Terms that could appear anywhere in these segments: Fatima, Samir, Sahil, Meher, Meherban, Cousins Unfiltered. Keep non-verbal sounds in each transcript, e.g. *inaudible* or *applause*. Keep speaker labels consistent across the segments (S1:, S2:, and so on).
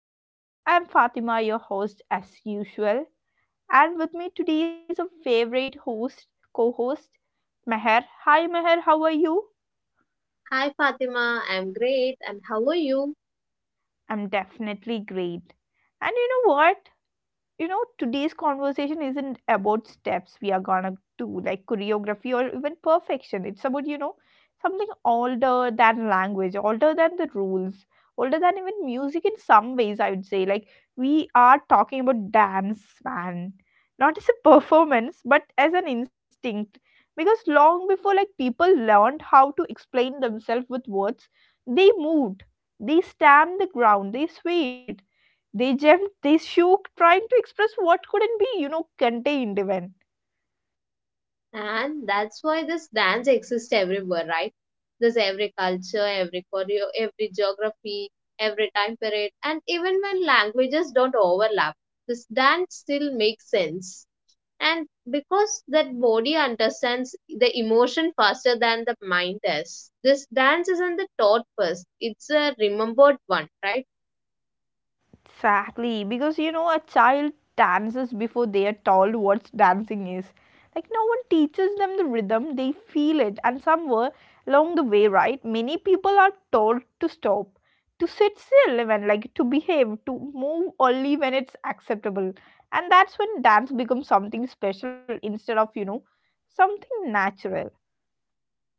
S1: And I'm Fatima, your host, as usual. And with me today is a favorite host, co host, Meher. Hi, Meher, how are you?
S2: Hi Fatima, I'm great and how are you?
S1: I'm definitely great. And you know what? You know today's conversation isn't about steps we are gonna do like choreography or even perfection. It's about something older than language, older than the rules, older than even music in some ways, I would say. Like we are talking about dance, man, not as a *laughs* performance but as an instinct, because long before like people learned how to explain themselves with words, they moved, they stamped the ground, they swayed, they jumped, they shook, trying to express what couldn't be, you know, contained even.
S2: And that's why this dance exists everywhere, right? There's every culture, every choreo, every geography, every time period, and even when languages don't overlap, this dance still makes sense. And because that body understands the emotion faster than the mind does, this dance isn't the taught first, it's a remembered one, right?
S1: Exactly, because you know, a child dances before they are told what dancing is. Like, no one teaches them the rhythm, they feel it, and somewhere along the way, right? Many people are told to stop, to sit still, even like to behave, to move only when it's acceptable. And that's when dance becomes something special instead of, you know, something natural.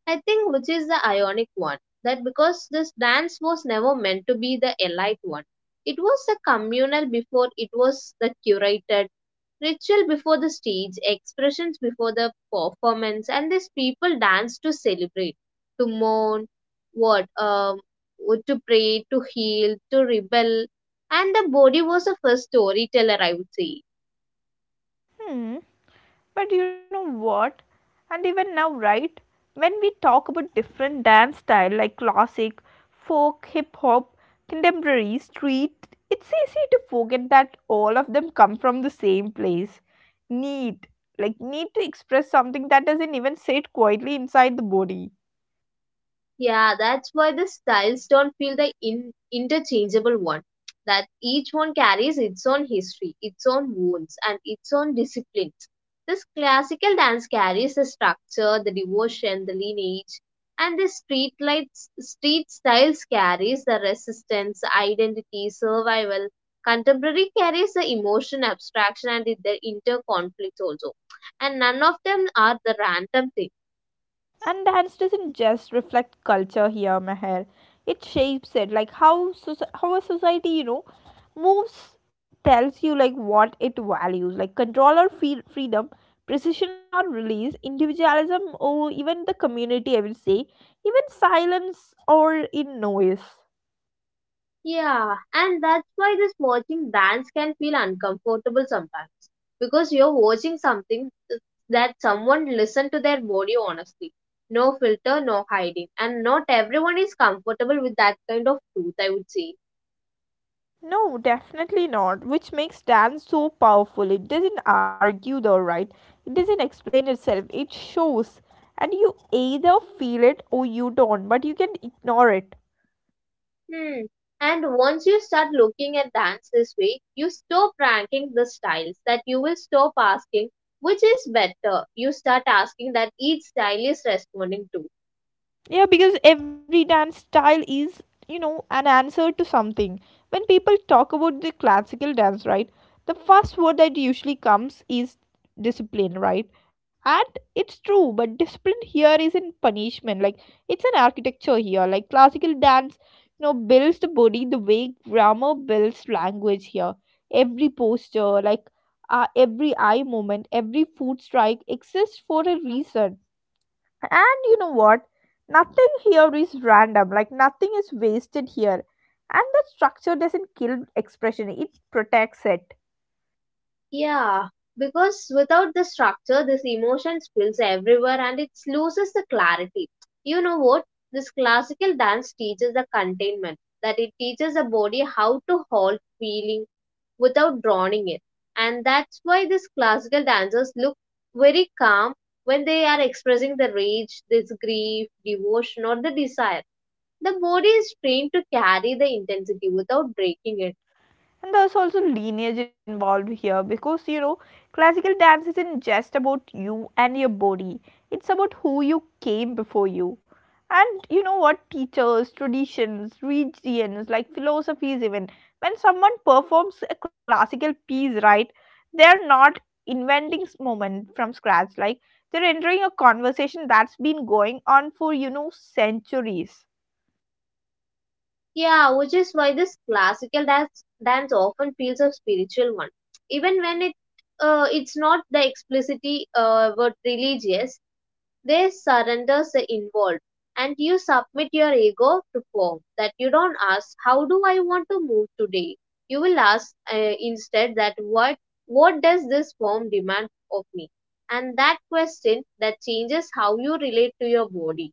S2: I think which is the ionic one that because this dance was never meant to be the elite one. It was the communal before it was the curated, ritual before the stage, expressions before the performance, and these people danced to celebrate, to mourn, what, um, to pray, to heal, to rebel, and the body was the first storyteller, I would say.
S1: Hmm. But you know what? And even now, right? When we talk about different dance style like classic, folk, hip hop, contemporary, street, it's easy to forget that all of them come from the same place. Need. Like need to express something that doesn't even sit quietly inside the body.
S2: Yeah, that's why the styles don't feel the interchangeable one. That each one carries its own history, its own wounds, and its own disciplines. This classical dance carries the structure, the devotion, the lineage, and the street lights, street styles carries the resistance, identity, survival. Contemporary carries the emotion, abstraction, and the inter conflicts also. And none of them are the random thing.
S1: And dance doesn't just reflect culture here, Meher. It shapes it. Like how how a society, you know, moves tells you like what it values, like control or freedom, precision or release, individualism or even the community. I would say, even silence or in noise.
S2: Yeah, and that's why this watching dance can feel uncomfortable sometimes because you're watching something uh, that someone listened to their body honestly. No filter, no hiding, and not everyone is comfortable with that kind of truth, I would say.
S1: No, definitely not. Which makes dance so powerful. It doesn't argue the right, it doesn't explain itself, it shows. And you either feel it or you don't, but you can ignore it.
S2: Hmm. And once you start looking at dance this way, you stop ranking the styles, that you will stop asking which is better. You start asking that each style is responding to.
S1: Yeah, because every dance style is, you know, an answer to something. When people talk about the classical dance, right, the first word that usually comes is discipline, right? And it's true, but discipline here isn't punishment. Like, it's an architecture here. Like, classical dance, you know, builds the body the way grammar builds language here. Every posture, like, every eye movement, every foot strike exists for a reason. And you know what? Nothing here is random, like nothing is wasted here. And the structure doesn't kill expression, it protects it.
S2: Yeah, because without the structure, this emotion spills everywhere and it loses the clarity. You know what? This classical dance teaches the containment, that it teaches the body how to hold feeling without drowning it. And that's why these classical dancers look very calm when they are expressing the rage, this grief, devotion, or the desire. The body is trained to carry the intensity without breaking it.
S1: And there's also lineage involved here, because you know, classical dance isn't just about you and your body, it's about who you came before you. And you know what, teachers, traditions, regions, like philosophies even. When someone performs a classical piece, right, they're not inventing moment from scratch. Like they're entering a conversation that's been going on for, you know, centuries.
S2: Yeah, which is why this classical dance often feels a spiritual one, even when it it's not the explicitly word religious. There surrenders are involved, and you submit your ego to form. That you don't ask, how do I want to move today? You will ask instead that what does this form demand of me? And that question that changes how you relate to your body.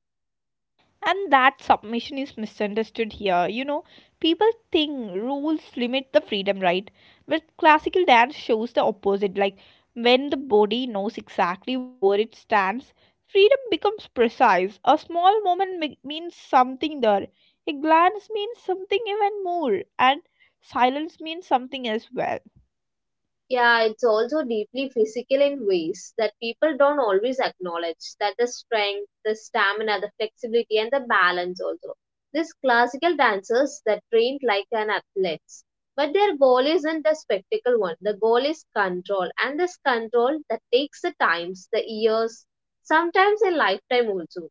S1: And that submission is misunderstood here. You know, people think rules limit the freedom, right? But classical dance shows the opposite. Like when the body knows exactly where it stands, freedom becomes precise. A small moment means something there, a glance means something even more, and silence means something as well.
S2: Yeah, it's also deeply physical in ways that people don't always acknowledge. That the strength, the stamina, the flexibility, and the balance also. These classical dancers that trained like an athletes, but their goal isn't the spectacle one. The goal is control, and this control that takes the times, the years, sometimes a lifetime also.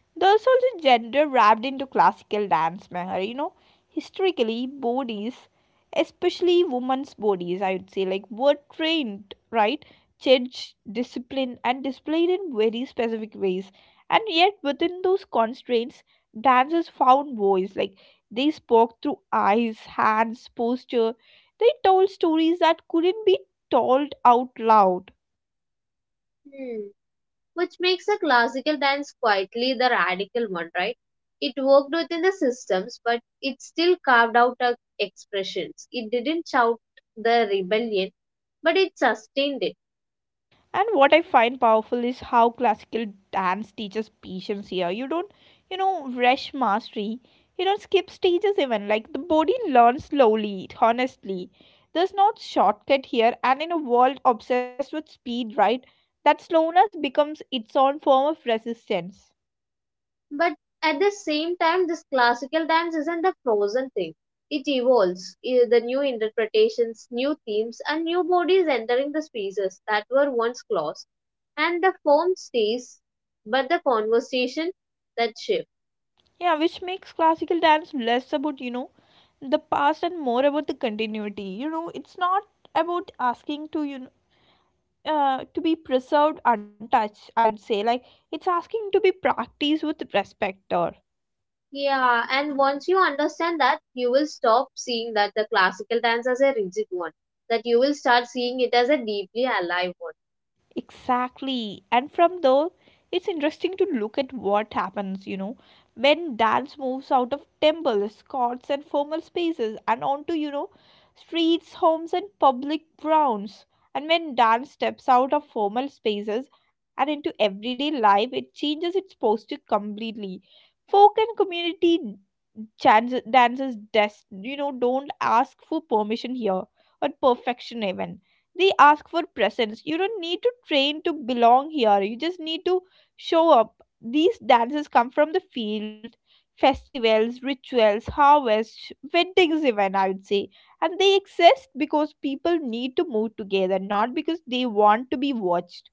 S1: There's also gender wrapped into classical dance, Meher. You know, historically, bodies, especially women's bodies, I would say, like were trained, right? Judged, disciplined, and displayed in very specific ways. And yet, within those constraints, dancers found voice. Like they spoke through eyes, hands, posture. They told stories that couldn't be told out loud.
S2: Hmm. Which makes a classical dance quietly the radical one, right? It worked within the systems, but it still carved out a expressions. It didn't shout the rebellion, but it sustained it.
S1: And what I find powerful is how classical dance teaches patience here. You don't, you know, rush mastery. You don't skip stages even. Like the body learns slowly, honestly. There's no shortcut here. And in a world obsessed with speed, right, that slowness becomes its own form of resistance.
S2: But at the same time, this classical dance isn't a frozen thing. It evolves. The new interpretations, new themes, and new bodies entering the spaces that were once closed. And the form stays, but the conversation that shifts.
S1: Yeah, which makes classical dance less about, you know, the past and more about the continuity. You know, it's not about asking to, you know, to be preserved untouched, I'd say. Like it's asking to be practiced with respect or
S2: Yeah, and once you understand that, you will stop seeing that the classical dance as a rigid one, that you will start seeing it as a deeply alive one.
S1: Exactly. And from there, it's interesting to look at what happens, you know, when dance moves out of temples, courts, and formal spaces and onto, you know, streets, homes, and public grounds. And when dance steps out of formal spaces and into everyday life, it changes its posture completely. Folk and community chances, dances, you know, don't ask for permission here or perfection even. They ask for presence. You don't need to train to belong here, you just need to show up. These dances come from the field, festivals, rituals, harvests, weddings even, I would say. And they exist because people need to move together, not because they want to be watched.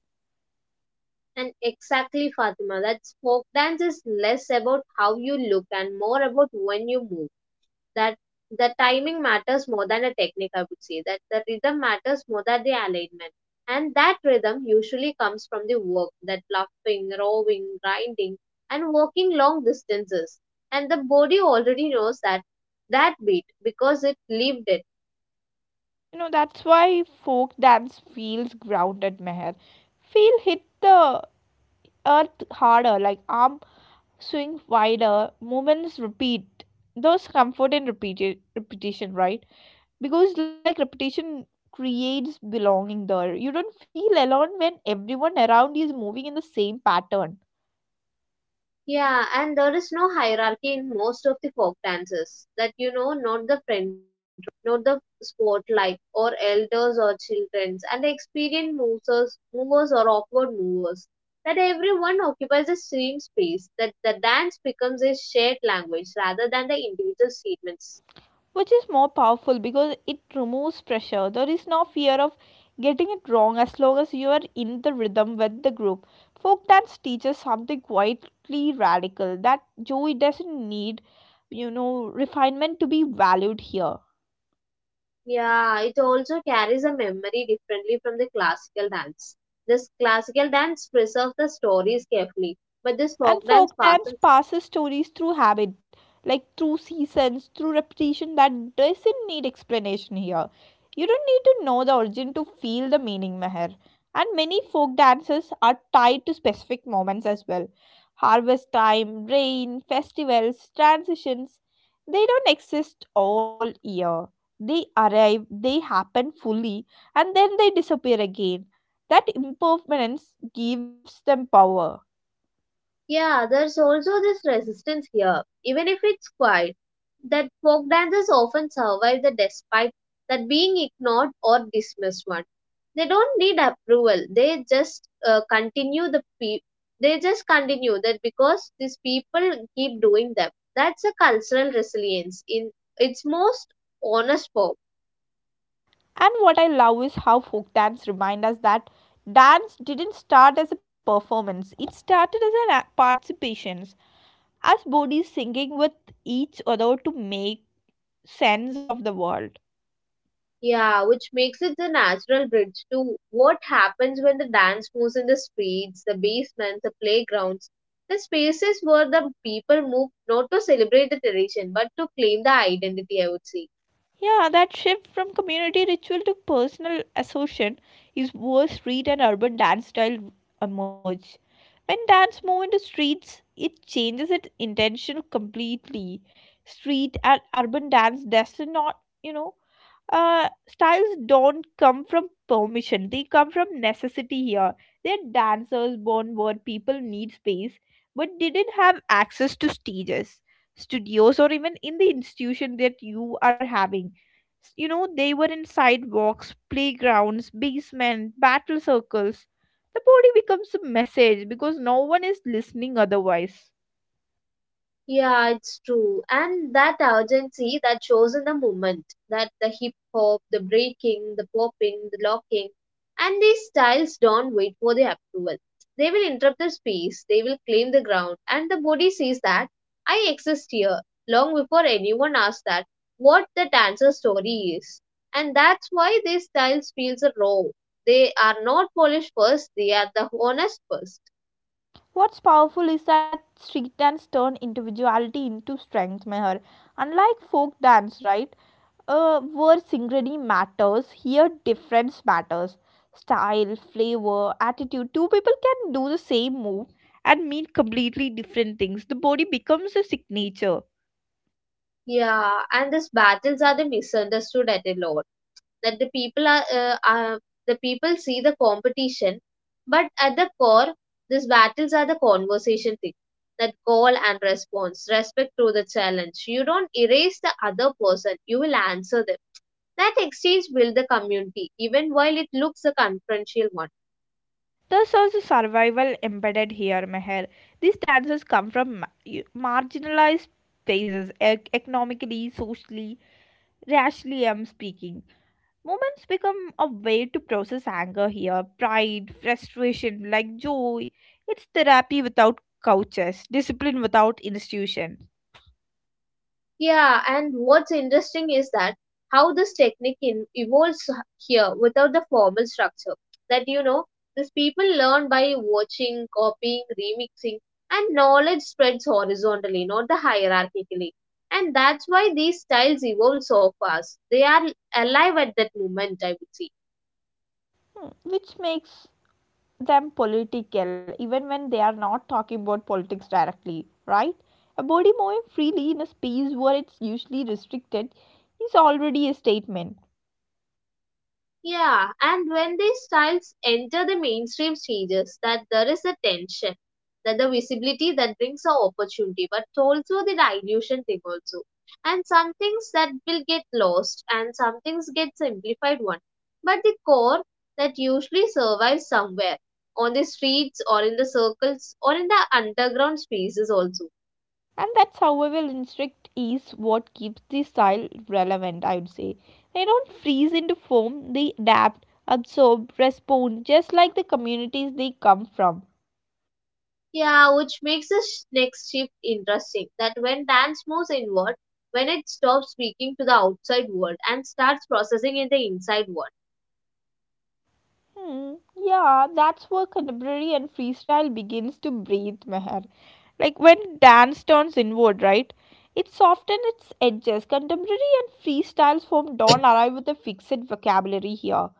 S2: And exactly, Fatima, that folk dance is less about how you look and more about when you move. That the timing matters more than a technique, I would say, that the rhythm matters more than the alignment, and that rhythm usually comes from the work, that laughing, rowing, grinding, and walking long distances, and the body already knows that that beat because it lived it.
S1: You know, that's why folk dance feels grounded, Meher. Feel hit the earth harder, like arm swing wider, movements repeat. There's comfort in repeated repetition, right? Because like repetition creates belonging there. You don't feel alone when everyone around you is moving in the same pattern,
S2: Yeah, and there is no hierarchy in most of the folk dances. That you know, not the front row, not the spotlight, or elders or childrens, and experienced movers, movers or awkward movers. That everyone occupies the same space. That the dance becomes a shared language rather than the individual statements.
S1: which is more powerful because it removes pressure. There is no fear of getting it wrong as long as you are in the rhythm with the group. Folk dance teaches something quietly radical, that joy doesn't need, you know, refinement to be valued here.
S2: Yeah, it also carries a memory differently from the classical dance. This classical dance preserves the stories carefully, but this
S1: And
S2: folk dance
S1: folk dance
S2: passes.
S1: passes stories through habit, like through seasons, through repetition that doesn't need explanation here. You don't need to know the origin to feel the meaning, Meher. And many folk dances are tied to specific moments as well. Harvest time, rain, festivals, transitions. They don't exist all year. They arrive, they happen fully, and then they disappear again. That impermanence gives them power.
S2: Yeah, there's also this resistance here, even if it's quiet, that folk dances often survive the despite that being ignored or dismissed one. They don't need approval. They just continue the pe- they just continue that because these people keep doing them. That's a cultural resilience in its most honest form.
S1: And what I love is how folk dance remind us that dance didn't start as a performance, it started as an participations, as bodies singing with each other to make sense of the world.
S2: Yeah, which makes it the natural bridge to what happens when the dance moves in the streets, the basements, the playgrounds, the spaces where the people move not to celebrate the tradition but to claim the identity, I would say.
S1: Yeah, that shift from community ritual to personal assertion is where street and urban dance style emerge. When dance move into streets, it changes its intention completely. Street and urban dance does not, you know, styles don't come from permission. They come from necessity here. They're dancers born where people need space but didn't have access to stages, studios, or even in the institution that you are having. You know, they were in sidewalks, playgrounds, basements, battle circles. The body becomes a message because no one is listening otherwise.
S2: Yeah, it's true. And that urgency that shows in the movement, that the hip hop, the breaking, the popping, the locking, and these styles don't wait for the approval. They will interrupt the space, they will claim the ground, and the body sees that I exist here long before anyone asks that what the dancer story is. And that's why these styles feels raw. They are not polished first, they are the honest first.
S1: What's powerful is that street dance turned individuality into strength, Meher. Unlike folk dance, right, where synchronity matters, here difference matters. Style, flavor, attitude. Two people can do the same move and mean completely different things. The body becomes a signature.
S2: Yeah, and these battles are the misunderstood at a lot that the people are the people see the competition but at the core these battles are the conversation thing that call and response respect through the challenge, you don't erase the other person, you will answer them, that exchange builds the community even while it looks a confrontational one.
S1: There's also survival embedded here, Meher. These dancers come from marginalized spaces, economically, socially, racially, I'm speaking. Moments become a way to process anger here, pride, frustration, like joy. It's therapy without couches, discipline without institutions,
S2: Yeah, and what's interesting is that how this technique evolves here without the formal structure. That you know, these people learn by watching, copying, remixing, and knowledge spreads horizontally, not the hierarchically. And that's why these styles evolve so fast. They are alive at that moment, I would say.
S1: Hmm, which makes them political even when they are not talking about politics directly, right? A body moving freely in a space where it's usually restricted is already a statement.
S2: Yeah, and when these styles enter the mainstream stages, that there is a tension, that the visibility that brings a opportunity, but also the dilution thing also. And some things that will get lost, and some things get simplified one. But the core that usually survives somewhere on the streets or in the circles or in the underground spaces also.
S1: And that survival instinct is what keeps the style relevant, I would say. They don't freeze into form, they adapt, absorb, respond, just like the communities they come from.
S2: Yeah, which makes this next shift interesting. That when dance moves inward, when it stops speaking to the outside world and starts processing in the inside world.
S1: Hmm. Yeah, that's where contemporary and freestyle begins to breathe, Meher. Like when dance turns inward, right? It softens its edges. Contemporary and freestyles form don't arrive with a fixed vocabulary here,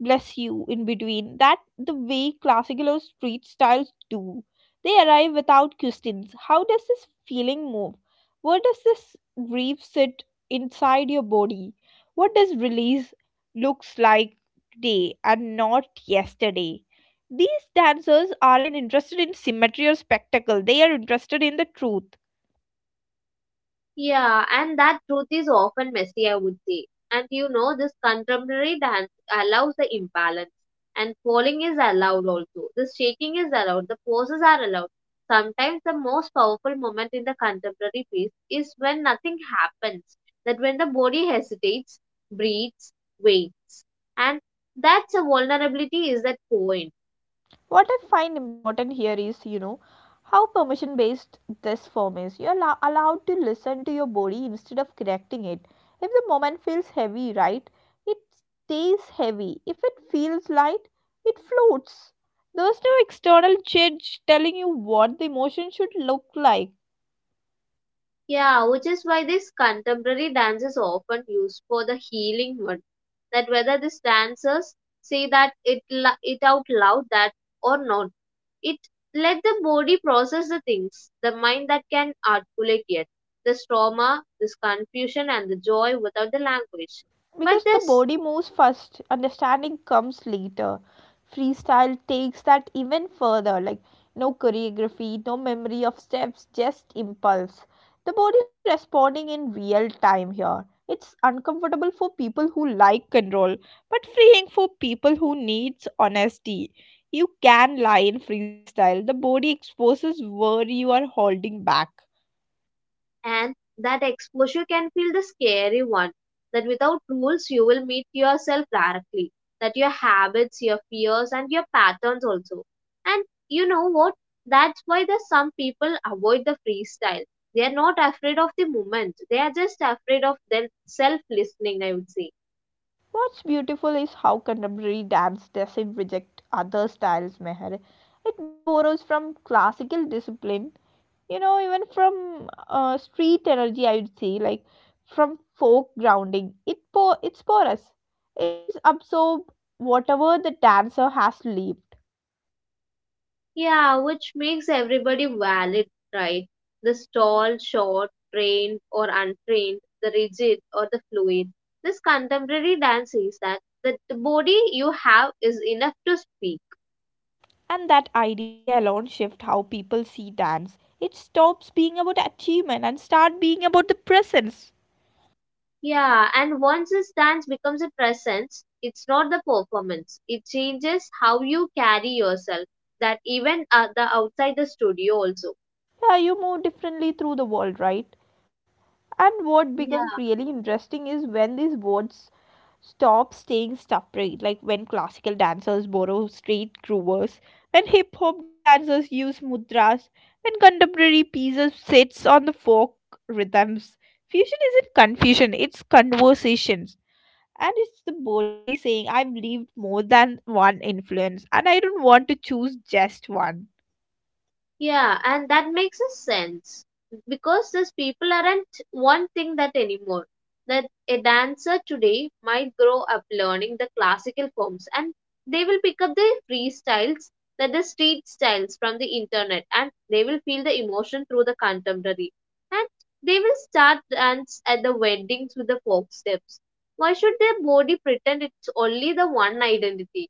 S1: bless you in between. That the way classical or street styles do. They arrive without questions. How does this feeling move? Where does this grief sit inside your body? What does release looks like today and not yesterday? These dancers aren't interested in symmetry or spectacle. They are interested in the truth.
S2: Yeah, and that truth is often messy, I would say. And you know, this contemporary dance allows the imbalance, and falling is allowed also. The shaking is allowed, the poses are allowed. Sometimes the most powerful moment in the contemporary piece is when nothing happens, that when the body hesitates, breathes, waits, and that's a vulnerability is that point.
S1: What I find important here is, you know, how permission based this form is. You're allowed to listen to your body instead of correcting it. If the moment feels heavy, right, it stays heavy. If it feels light, it floats. There's no external judge telling you what the emotion should look like.
S2: Yeah, which is why this contemporary dance is often used for the healing one, that whether these dancers say that it out loud that or not, it let the body process the things the mind that can articulate yet, this trauma, this confusion, and the joy without the language. But
S1: Because the
S2: this.
S1: body moves first, understanding comes later. Freestyle takes that even further. Like no choreography, no memory of steps, just impulse, the body responding in real time here. It's uncomfortable for people who like control, but freeing for people who needs honesty. You can lie in freestyle, the body exposes where you are holding back.
S2: And that exposure can feel the scary one. That without rules, you will meet yourself directly. That your habits, your fears, and your patterns also. And you know what? That's why there's some people avoid the freestyle. They are not afraid of the moment. They are just afraid of their self listening, I would say.
S1: What's beautiful is how contemporary dance doesn't reject other styles, Meher. It borrows from classical discipline, you know, even from street energy, I would say, like from folk grounding. It's porous. It's absorb whatever the dancer has lived.
S2: Yeah, which makes everybody valid, right? The tall, short, trained or untrained, the rigid or the fluid. This contemporary dance is that that the body you have is enough to speak.
S1: And that idea alone shifts how people see dance. It stops being about achievement and start being about the presence.
S2: Yeah, and once this dance becomes a presence, it's not the performance. It changes how you carry yourself. That even the outside the studio also.
S1: Yeah, you move differently through the world, right? And what becomes really interesting is when these boards stop staying separate, like when classical dancers borrow street grooves, when hip hop dancers use mudras, when contemporary pieces sits on the folk rhythms. Fusion isn't confusion, it's conversations. And it's the body saying, I've lived more than one influence and I don't want to choose just one.
S2: Yeah, and that makes a sense because these people aren't one thing that anymore. That a dancer today might grow up learning the classical forms and they will pick up the freestyles, that the street styles from the internet, and they will feel the emotion through the contemporary. And they will start dance at the weddings with the folk steps. Why should their body pretend it's only the one identity?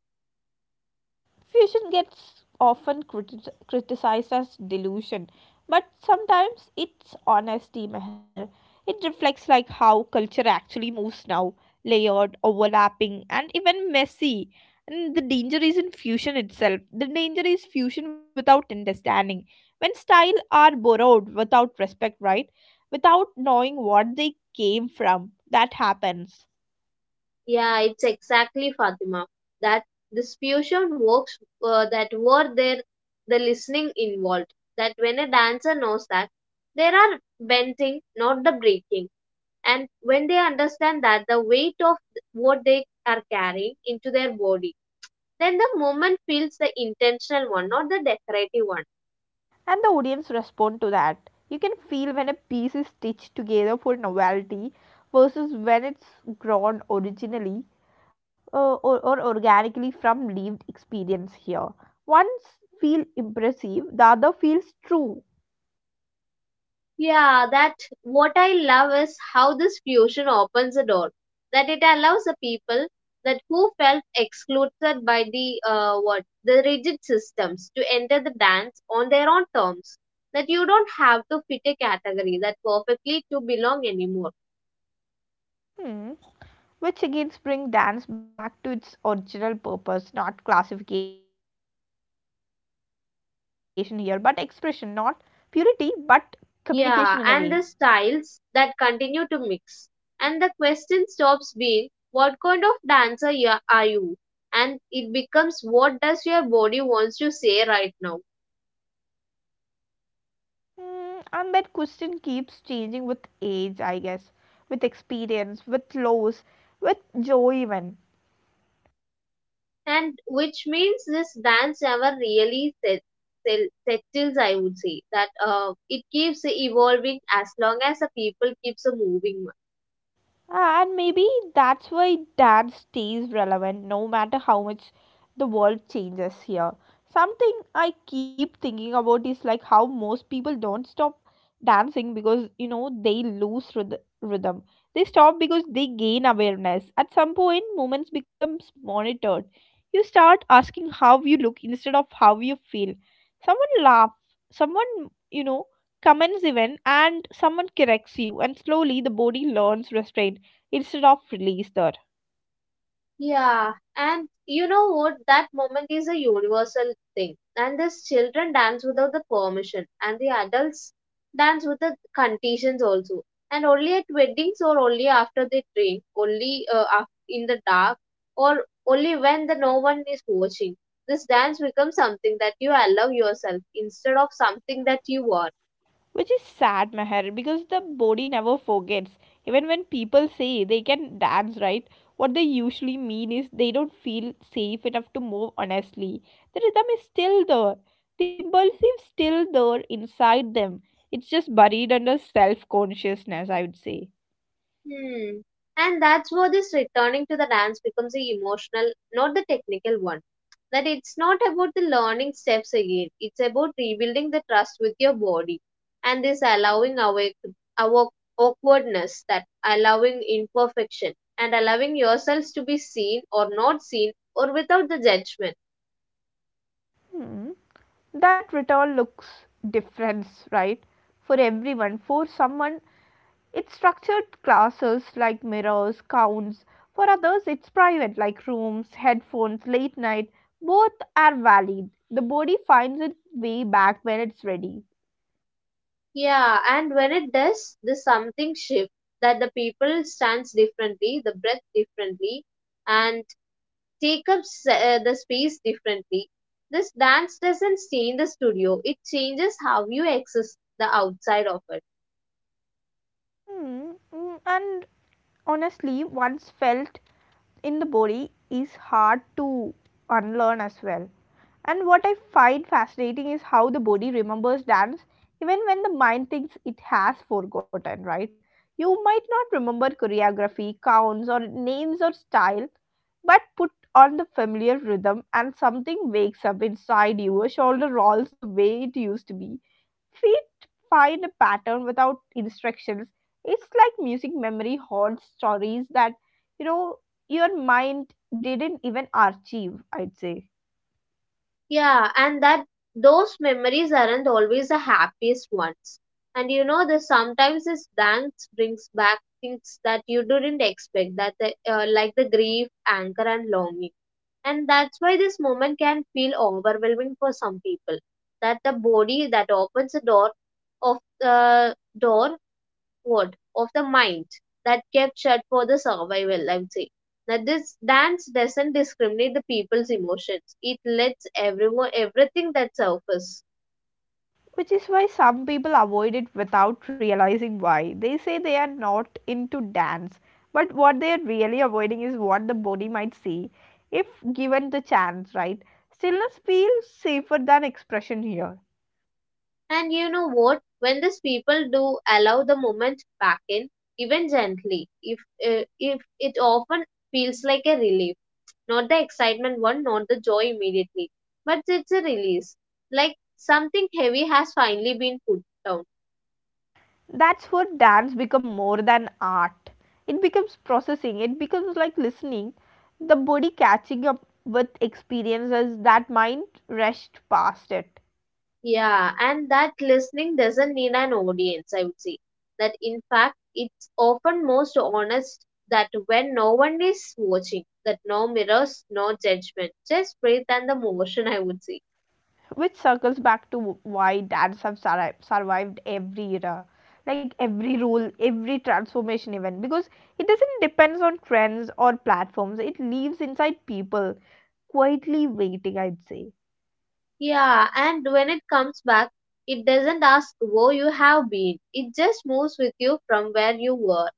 S1: Fusion gets often criticized as delusion, but sometimes it's honesty, Meher. It reflects like how culture actually moves now, layered, overlapping, and even messy. And the danger isn't fusion itself. The danger is fusion without understanding. When style are borrowed without respect, right? Without knowing what they came from, that happens.
S2: Yeah, it's exactly Fatima. That this fusion works that were there, the listening involved. That when a dancer knows that there are bending, not the breaking, and when they understand that the weight of what they are carrying into their body, then the movement feels the intentional one, not the decorative one.
S1: And the audience respond to that. You can feel when a piece is stitched together for novelty versus when it's grown originally or organically from lived experience here. One feels impressive, the other feels true.
S2: Yeah, that what I love is how this fusion opens a door, that it allows the people that who felt excluded by the what the rigid systems to enter the dance on their own terms. That you don't have to fit a category that perfectly to belong anymore.
S1: Hmm. Which again brings dance back to its original purpose, not classification here but expression, not purity but communication in a way.
S2: Yeah, and the styles that continue to mix, and the question stops being what kind of dancer you are and it becomes what does your body wants to say right now.
S1: Mm, and that question keeps changing with age, I guess, with experience, with loss, with joy, even.
S2: And which means this dance never really settles. I would say that it keeps evolving as long as the people keeps moving.
S1: And maybe that's why dance stays relevant no matter how much the world changes here. Something I keep thinking about is like how most people don't stop dancing because they lose rhythm. They stop because they gain awareness. At some point, movements becomes monitored. You start asking how you look instead of how you feel. Someone laugh, someone comments even, and someone corrects you, and slowly the body learns restraint instead of released there.
S2: Yeah, and you know what? That moment is a universal thing. And these children dance without the permission, and the adults dance with the conditions also. And only at weddings, or only after they drink, only in the dark, or only when the no one is watching. This dance becomes something that you allow yourself instead of something that you are.
S1: Which is sad, Meher, because the body never forgets. Even when people say they can dance, right? What they usually mean is they don't feel safe enough to move honestly. The rhythm is still there. The impulse is still there inside them. It's just buried under self consciousness, I would say.
S2: Hmm. And that's where this returning to the dance becomes a emotional, not the technical one. That it's not about the learning steps again, it's about rebuilding the trust with your body and this allowing our awkwardness, that allowing imperfection, and allowing yourselves to be seen or not seen or without the judgment.
S1: Hmm. That return looks different, right? For everyone. For someone, it's structured classes like mirrors, counts. For others, it's private like rooms, headphones, late night. Both are valid. The body finds its way back when it's ready.
S2: Yeah, and when it does, the something shift that the people stands differently, the breath differently, and take up the space differently. This dance doesn't stay in the studio, it changes how you access the outside of it.
S1: Mm. And honestly, once felt in the body is hard to unlearn as well. And what I find fascinating is how the body remembers dance even when the mind thinks it has forgotten, right? You might not remember choreography, counts, or names or style, but put on the familiar rhythm and something wakes up inside you. Your shoulder rolls the way it used to be. Feet find a pattern without instructions. It's like music memory holds stories that, you know, your mind didn't even archive, I'd say.
S2: Yeah, and that those memories aren't always the happiest ones. And you know, the sometimes this dance brings back things that you didn't expect, that like the grief, anger, and longing. And that's why this moment can feel overwhelming for some people. That the body that opens the door what of the mind that kept shut for the survival. I would say that this dance doesn't discriminate the people's emotions, it lets everyone everything that surface.
S1: Which is why some people avoid it without realizing why. They say they are not into dance, but what they are really avoiding is what the body might see if given the chance, right? Stillness feels safer than expression here.
S2: And you know what, when these people do allow the moment back in, even gently, if it often feels like a relief, not the excitement one, not the joy immediately, but it's a release, like something heavy has finally been put down.
S1: That's where dance becomes more than art. It becomes processing. It becomes like listening, the body catching up with experiences that mind rushed past it.
S2: Yeah, and that listening doesn't need an audience, I would say. That in fact, it's often most honest that when no one is watching, that no mirrors, no judgment, just breathe and the motion, I would say.
S1: Which circles back to why dance have survived every era, like every rule, every transformation even, because it doesn't depends on trends or platforms. It lives inside people, quietly waiting, I'd say.
S2: Yeah, and when it comes back, it doesn't ask where you have been, it just moves with you from where you were.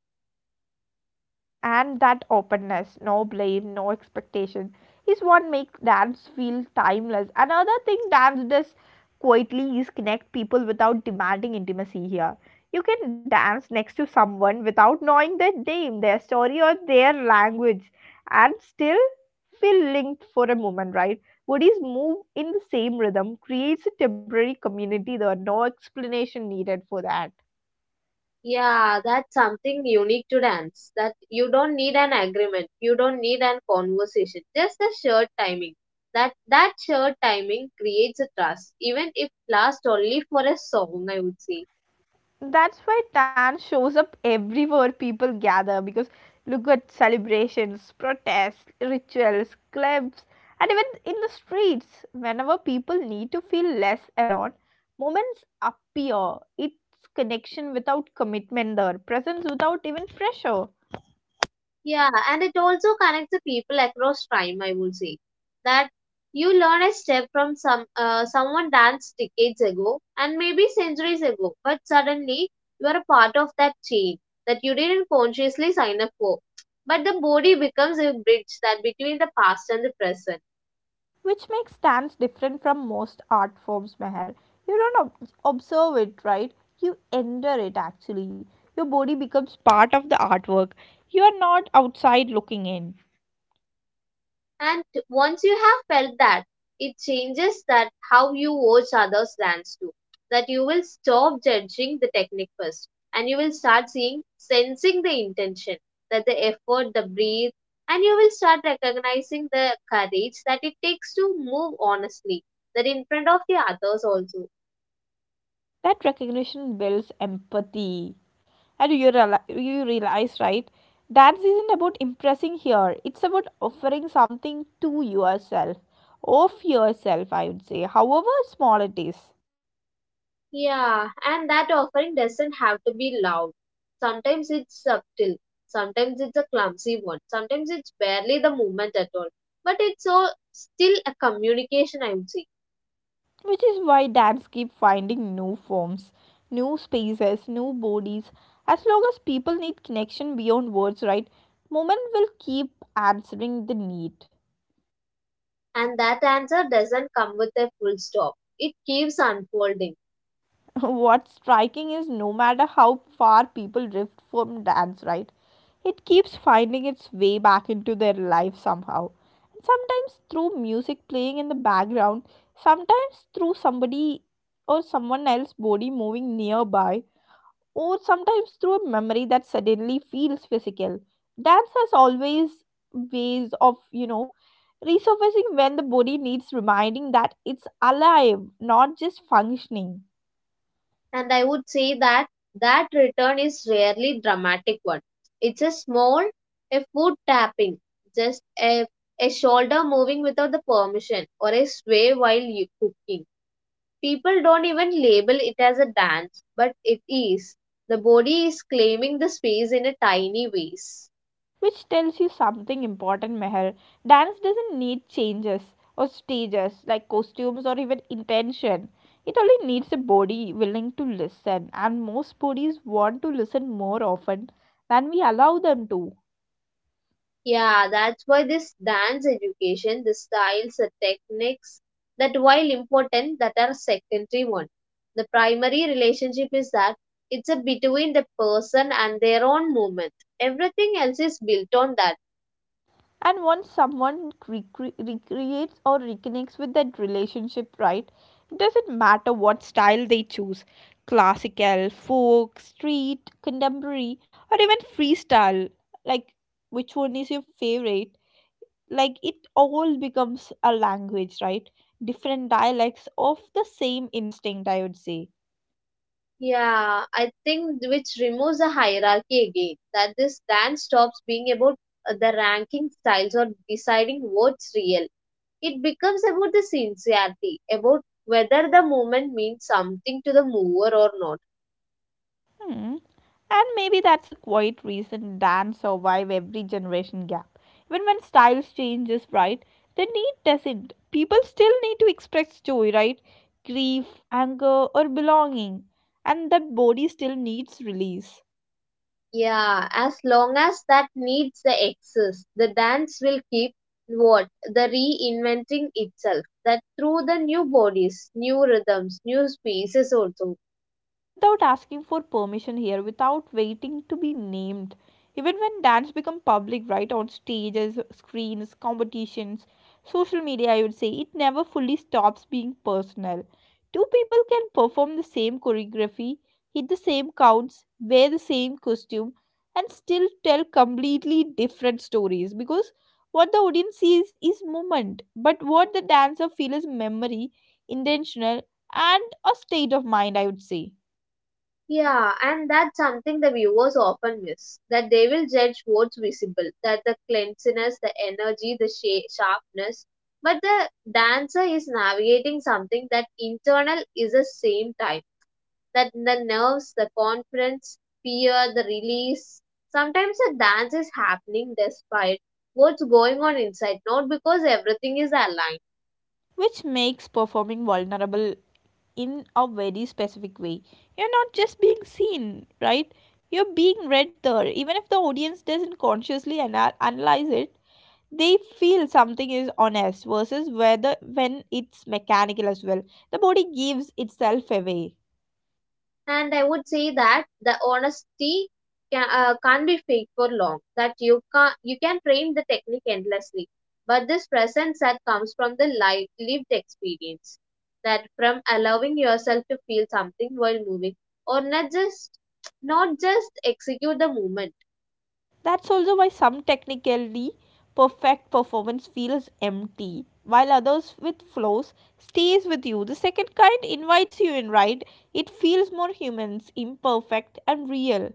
S1: And that openness, no blame, no expectation, is what makes dance feel timeless. Another thing dance does quietly is connect people without demanding intimacy here. You can dance next to someone without knowing their name, their story, or their language, and still feel linked for a moment, right? Bodies move in the same rhythm, creates a temporary community, there are no explanation needed for that.
S2: Yeah, that's something unique to dance. That you don't need an agreement, you don't need an conversation, just the shared timing. That shared timing creates a trust, even if last only for a song, I would say.
S1: That's why tan shows up everywhere people gather, because look at celebrations, protests, rituals, clubs, and even in the streets. Whenever people need to feel less alone, moments appear. It's connection without commitment there, presence without even pressure.
S2: Yeah, and it also connects the people across time, I would say. That you learn a step from someone danced decades ago and maybe centuries ago, but suddenly you are a part of that chain that you didn't consciously sign up for. But the body becomes a bridge that between the past and the present.
S1: Which makes dance different from most art forms, Meher. You don't observe it, right? You enter it actually. Your body becomes part of the artwork. You are not outside looking in.
S2: And once you have felt that, it changes that how you watch others dance too. That you will stop judging the technique first and you will start seeing, sensing the intention, that the effort, the breathe, and you will start recognizing the courage that it takes to move honestly, that in front of the others also.
S1: That recognition builds empathy. And you realize, right, dance isn't about impressing here, it's about offering something to yourself, of yourself, I would say, however small it is.
S2: Yeah, and that offering doesn't have to be loud. Sometimes it's subtle, sometimes it's a clumsy one, sometimes it's barely the movement at all. But it's so still a communication, I would say.
S1: Which is why dams keep finding new forms, new spaces, new bodies. As long as people need connection beyond words, right? Movement will keep answering the need.
S2: And that answer doesn't come with a full stop. It keeps unfolding.
S1: *laughs* What's striking is no matter how far people drift from dance, right? It keeps finding its way back into their life somehow. And sometimes through music playing in the background, sometimes through somebody or someone else body moving nearby, or sometimes through a memory that suddenly feels physical. Dance has always ways of, resurfacing when the body needs reminding that it's alive, not just functioning.
S2: And I would say that that return is rarely dramatic one. It's a small, a foot tapping, just a shoulder moving without the permission, or a sway while you cooking. People don't even label it as a dance, but it is. The body is claiming the space in a tiny ways.
S1: Which tells you something important, Meher. Dance doesn't need changes or stages like costumes or even intention. It only needs a body willing to listen, and most bodies want to listen more often than we allow them to.
S2: Yeah, that's why this dance education, the styles, the techniques, that while important, that are secondary one. The primary relationship is that it's a between the person and their own movement. Everything else is built on that.
S1: And once someone recreates or reconnects with that relationship, right, it doesn't matter what style they choose, classical, folk, street, contemporary, or even freestyle, like which one is your favorite, like it all becomes a language, right? Different dialects of the same instinct, I would say.
S2: Yeah, I think which removes the hierarchy again. That this dance stops being about the ranking styles or deciding what's real. It becomes about the sincerity, about whether the movement means something to the mover or not.
S1: Hmm. And maybe that's a quiet reason dance survive every generation gap. Even when styles changes, right? The need doesn't. People still need to express joy, right? Grief, anger, or belonging, and that body still needs release.
S2: Yeah, as long as that needs the excess, the dance will keep what? The reinventing itself. That through the new bodies, new rhythms, new spaces also.
S1: Without asking for permission here, without waiting to be named. Even when dance become public, right, on stages, screens, competitions, social media, I would say, it never fully stops being personal. Two people can perform the same choreography, hit the same counts, wear the same costume, and still tell completely different stories because what the audience sees is movement, but what the dancer feels is memory, intentional, and a state of mind, I would say.
S2: Yeah, and that's something the viewers often miss. That they will judge what's visible, that the cleanliness, the energy, the sharpness. But the dancer is navigating something that internal is the same time. That the nerves, the confidence, fear, the release. Sometimes the dance is happening despite what's going on inside, not because everything is aligned.
S1: Which makes performing vulnerable in a very specific way. You're not just being seen, right? You're being read there. Even if the audience doesn't consciously analyze it, they feel something is honest versus whether when it's mechanical as well. The body gives itself away.
S2: And I would say that the honesty can't be fake for long. That you can train the technique endlessly, but this presence that comes from the life lived experience, that from allowing yourself to feel something while moving, or not just not just execute the movement.
S1: That's also why some technically perfect performance feels empty, while others with flows stays with you. The second kind invites you in, right? It feels more humans, imperfect and real.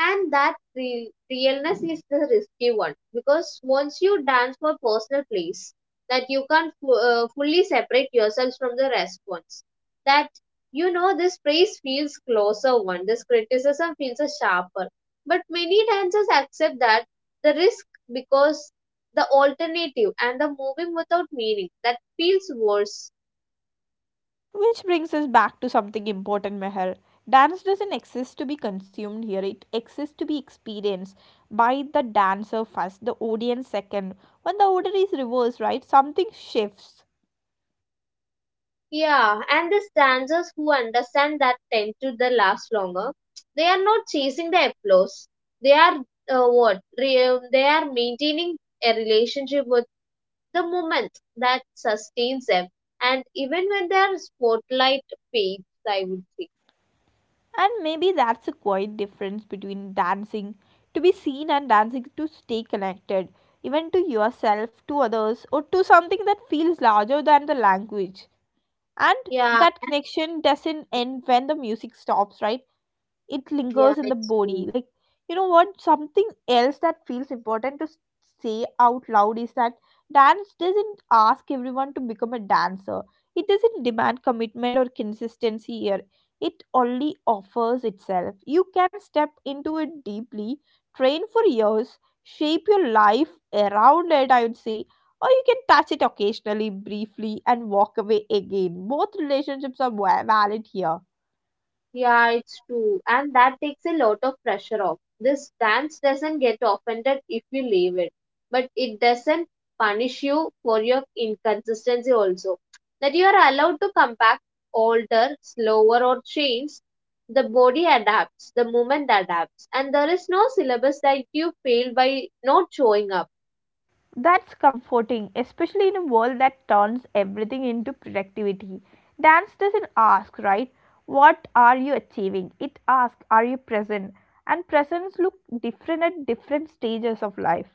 S2: And that realness is the risky one, because once you dance for personal place, that you can't fu- fully separate yourselves from the response. That, you know, this praise feels closer one, this criticism feels a sharper, but many dancers accept that the risk, because the alternative and the moving without meaning that feels worse.
S1: Which brings us back to something important, Meher. Dance doesn't exist to be consumed here, it exists to be experienced by the dancer first, the audience second. When the order is reversed, right, something shifts.
S2: Yeah, and the dancers who understand that tend to the last longer. They are not chasing the applause. They are what? They are maintaining a relationship with the moment that sustains them. And even when their spotlight fades, I would say.
S1: And maybe that's a quiet difference between dancing to be seen and dancing to stay connected, even to yourself, to others, or to something that feels larger than the language. And
S2: Yeah,
S1: that connection doesn't end when the music stops, right? It
S2: yeah,
S1: lingers in the
S2: it's
S1: body
S2: true.
S1: like, what something else that feels important to say out loud is that dance doesn't ask everyone to become a dancer. It doesn't demand commitment or consistency here, it only offers itself. You can step into it deeply, train for years, shape your life around it, I would say, or you can touch it occasionally, briefly, and walk away again. Both relationships are valid here.
S2: Yeah, it's true. And that takes a lot of pressure off. This dance doesn't get offended if you leave it, but it doesn't punish you for your inconsistency also. That you are allowed to come back older, slower, or change. The body adapts, the movement adapts, and there is no syllabus that you fail by not showing up.
S1: That's comforting, especially in a world that turns everything into productivity. Dance doesn't ask, right? What are you achieving? It asks, are you present? And presence look different at different stages of life.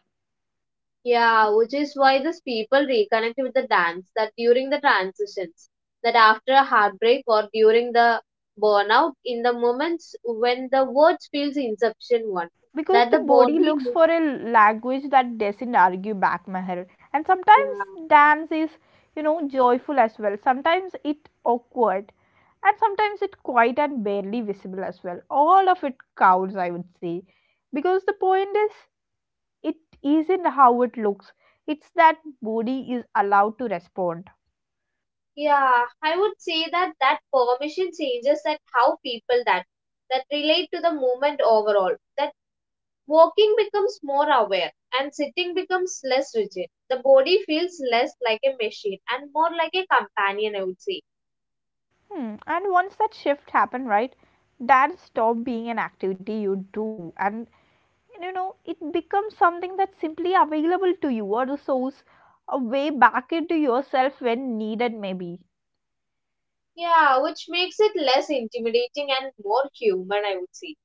S2: Yeah, which is why these people reconnect with the dance that during the transitions, that after a heartbreak or during the burnout, in the moments when the words feels inception one,
S1: Because
S2: that
S1: the
S2: the
S1: body
S2: body
S1: looks
S2: looks.
S1: for a language that doesn't argue back, Meher. And
S2: Yeah.
S1: sometimes dance is, joyful as well. Sometimes it awkward. And sometimes it quiet and barely visible as well. All of it counts, I would say. Because the point is, it isn't how it looks. It's that body is allowed to respond.
S2: Yeah, I would say that that permission changes that how people that that relate to the movement overall. That walking becomes more aware and sitting becomes less rigid. The body feels less like a machine and more like a companion, I would say.
S1: Hmm. And once that shift happened, right, dance stopped being an activity you do, and it becomes something that's simply available to you, or the source, a way back into yourself when needed maybe.
S2: Yeah, which makes it less intimidating and more human, I would say.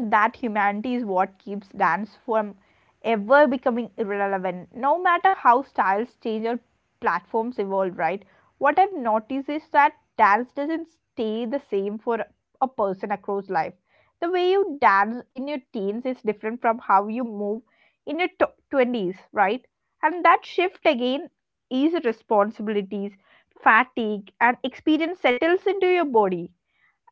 S1: That humanity is what keeps dance from ever becoming irrelevant, no matter how styles change or platforms evolve, right? What I've noticed is that dance doesn't stay the same for a person across life. The way you dance in your teens is different from how you move in your tw 20s, right? And that shift again is responsibilities, fatigue, and experience settles into your body,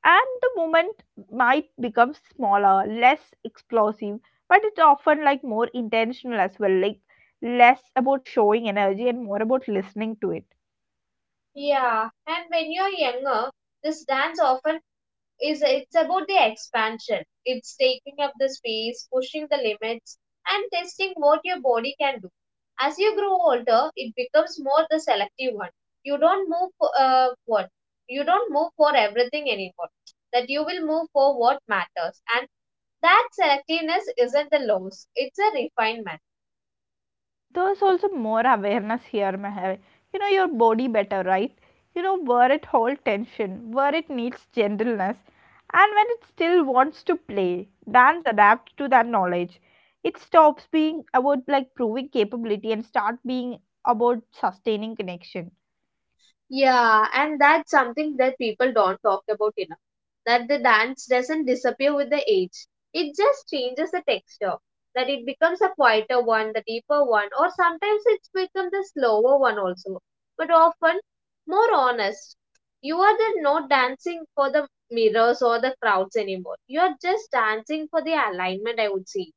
S1: and the movement might become smaller, less explosive, but it's often like more intentional as well, like less about showing energy and more about listening to it.
S2: Yeah, and when you're younger, this dance often is it's about the expansion. It's taking up the space, pushing the limits, and testing what your body can do. As you grow older, it becomes more the selective one. You don't move for what? You don't move for everything anymore. That you will move for what matters, and that selectiveness isn't the loss; it's a refinement.
S1: There's also more awareness here, Meher. You know your body better, right? You know where it holds tension, where it needs gentleness, and when it still wants to play. Dance adapts to that knowledge. It stops being about like proving capability and start being about sustaining connection.
S2: Yeah, and that's something that people don't talk about enough. That the dance doesn't disappear with the age. It just changes the texture. That it becomes a quieter one, the deeper one, or sometimes it becomes a slower one also. But often more honest. You are the not dancing for the mirrors or the crowds anymore. You are just dancing for the alignment, I would say.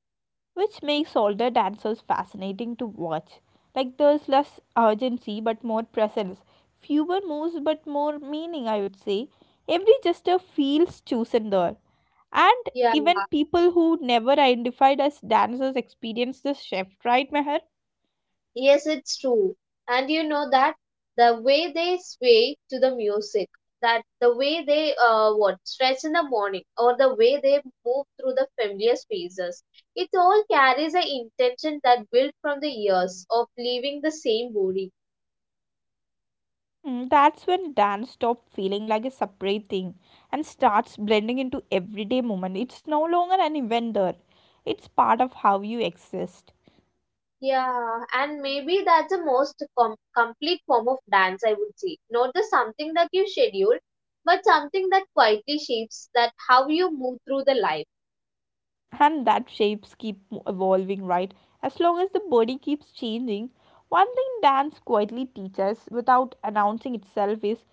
S1: Which makes older dancers fascinating to watch. Like there's less urgency but more presence, fewer moves but more meaning, I would say. Every gesture feels chosen there. And
S2: Yeah.
S1: even people who never identified as dancers experience this shift, right, Meher?
S2: Yes, it's true. And you know that the way they sway to the music, that the way they what stretch in the morning, or the way they move through the familiar spaces, it all carries an intention that built from the years of leaving the same body.
S1: Mm, that's when dance stops feeling like a separate thing and starts blending into everyday moment. It's no longer an event there. It's part of how you exist.
S2: Yeah, and maybe that's the most complete form of dance, I would say. Not the something that you schedule, but something that quietly shapes that how you move through the life.
S1: And that shapes keep evolving, right? As long as the body keeps changing, one thing dance quietly teaches without announcing itself is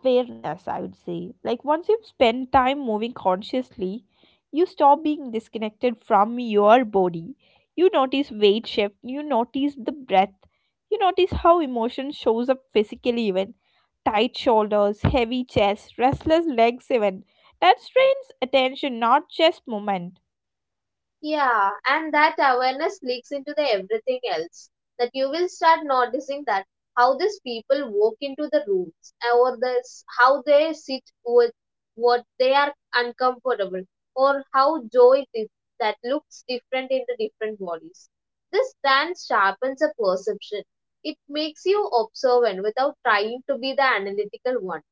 S1: awareness, I would say. Like once you spend time moving consciously, you stop being disconnected from your body. You notice weight shift, you notice the breath, you notice how emotion shows up physically, even tight shoulders, heavy chest, restless legs, even that strains attention, not just movement.
S2: Yeah, and that awareness leaks into the everything else. That you will start noticing that how these people walk into the rooms or this how they sit with what they are uncomfortable or how that looks different in the different bodies. This then sharpens a perception. It makes you observant without trying to be the analytical one.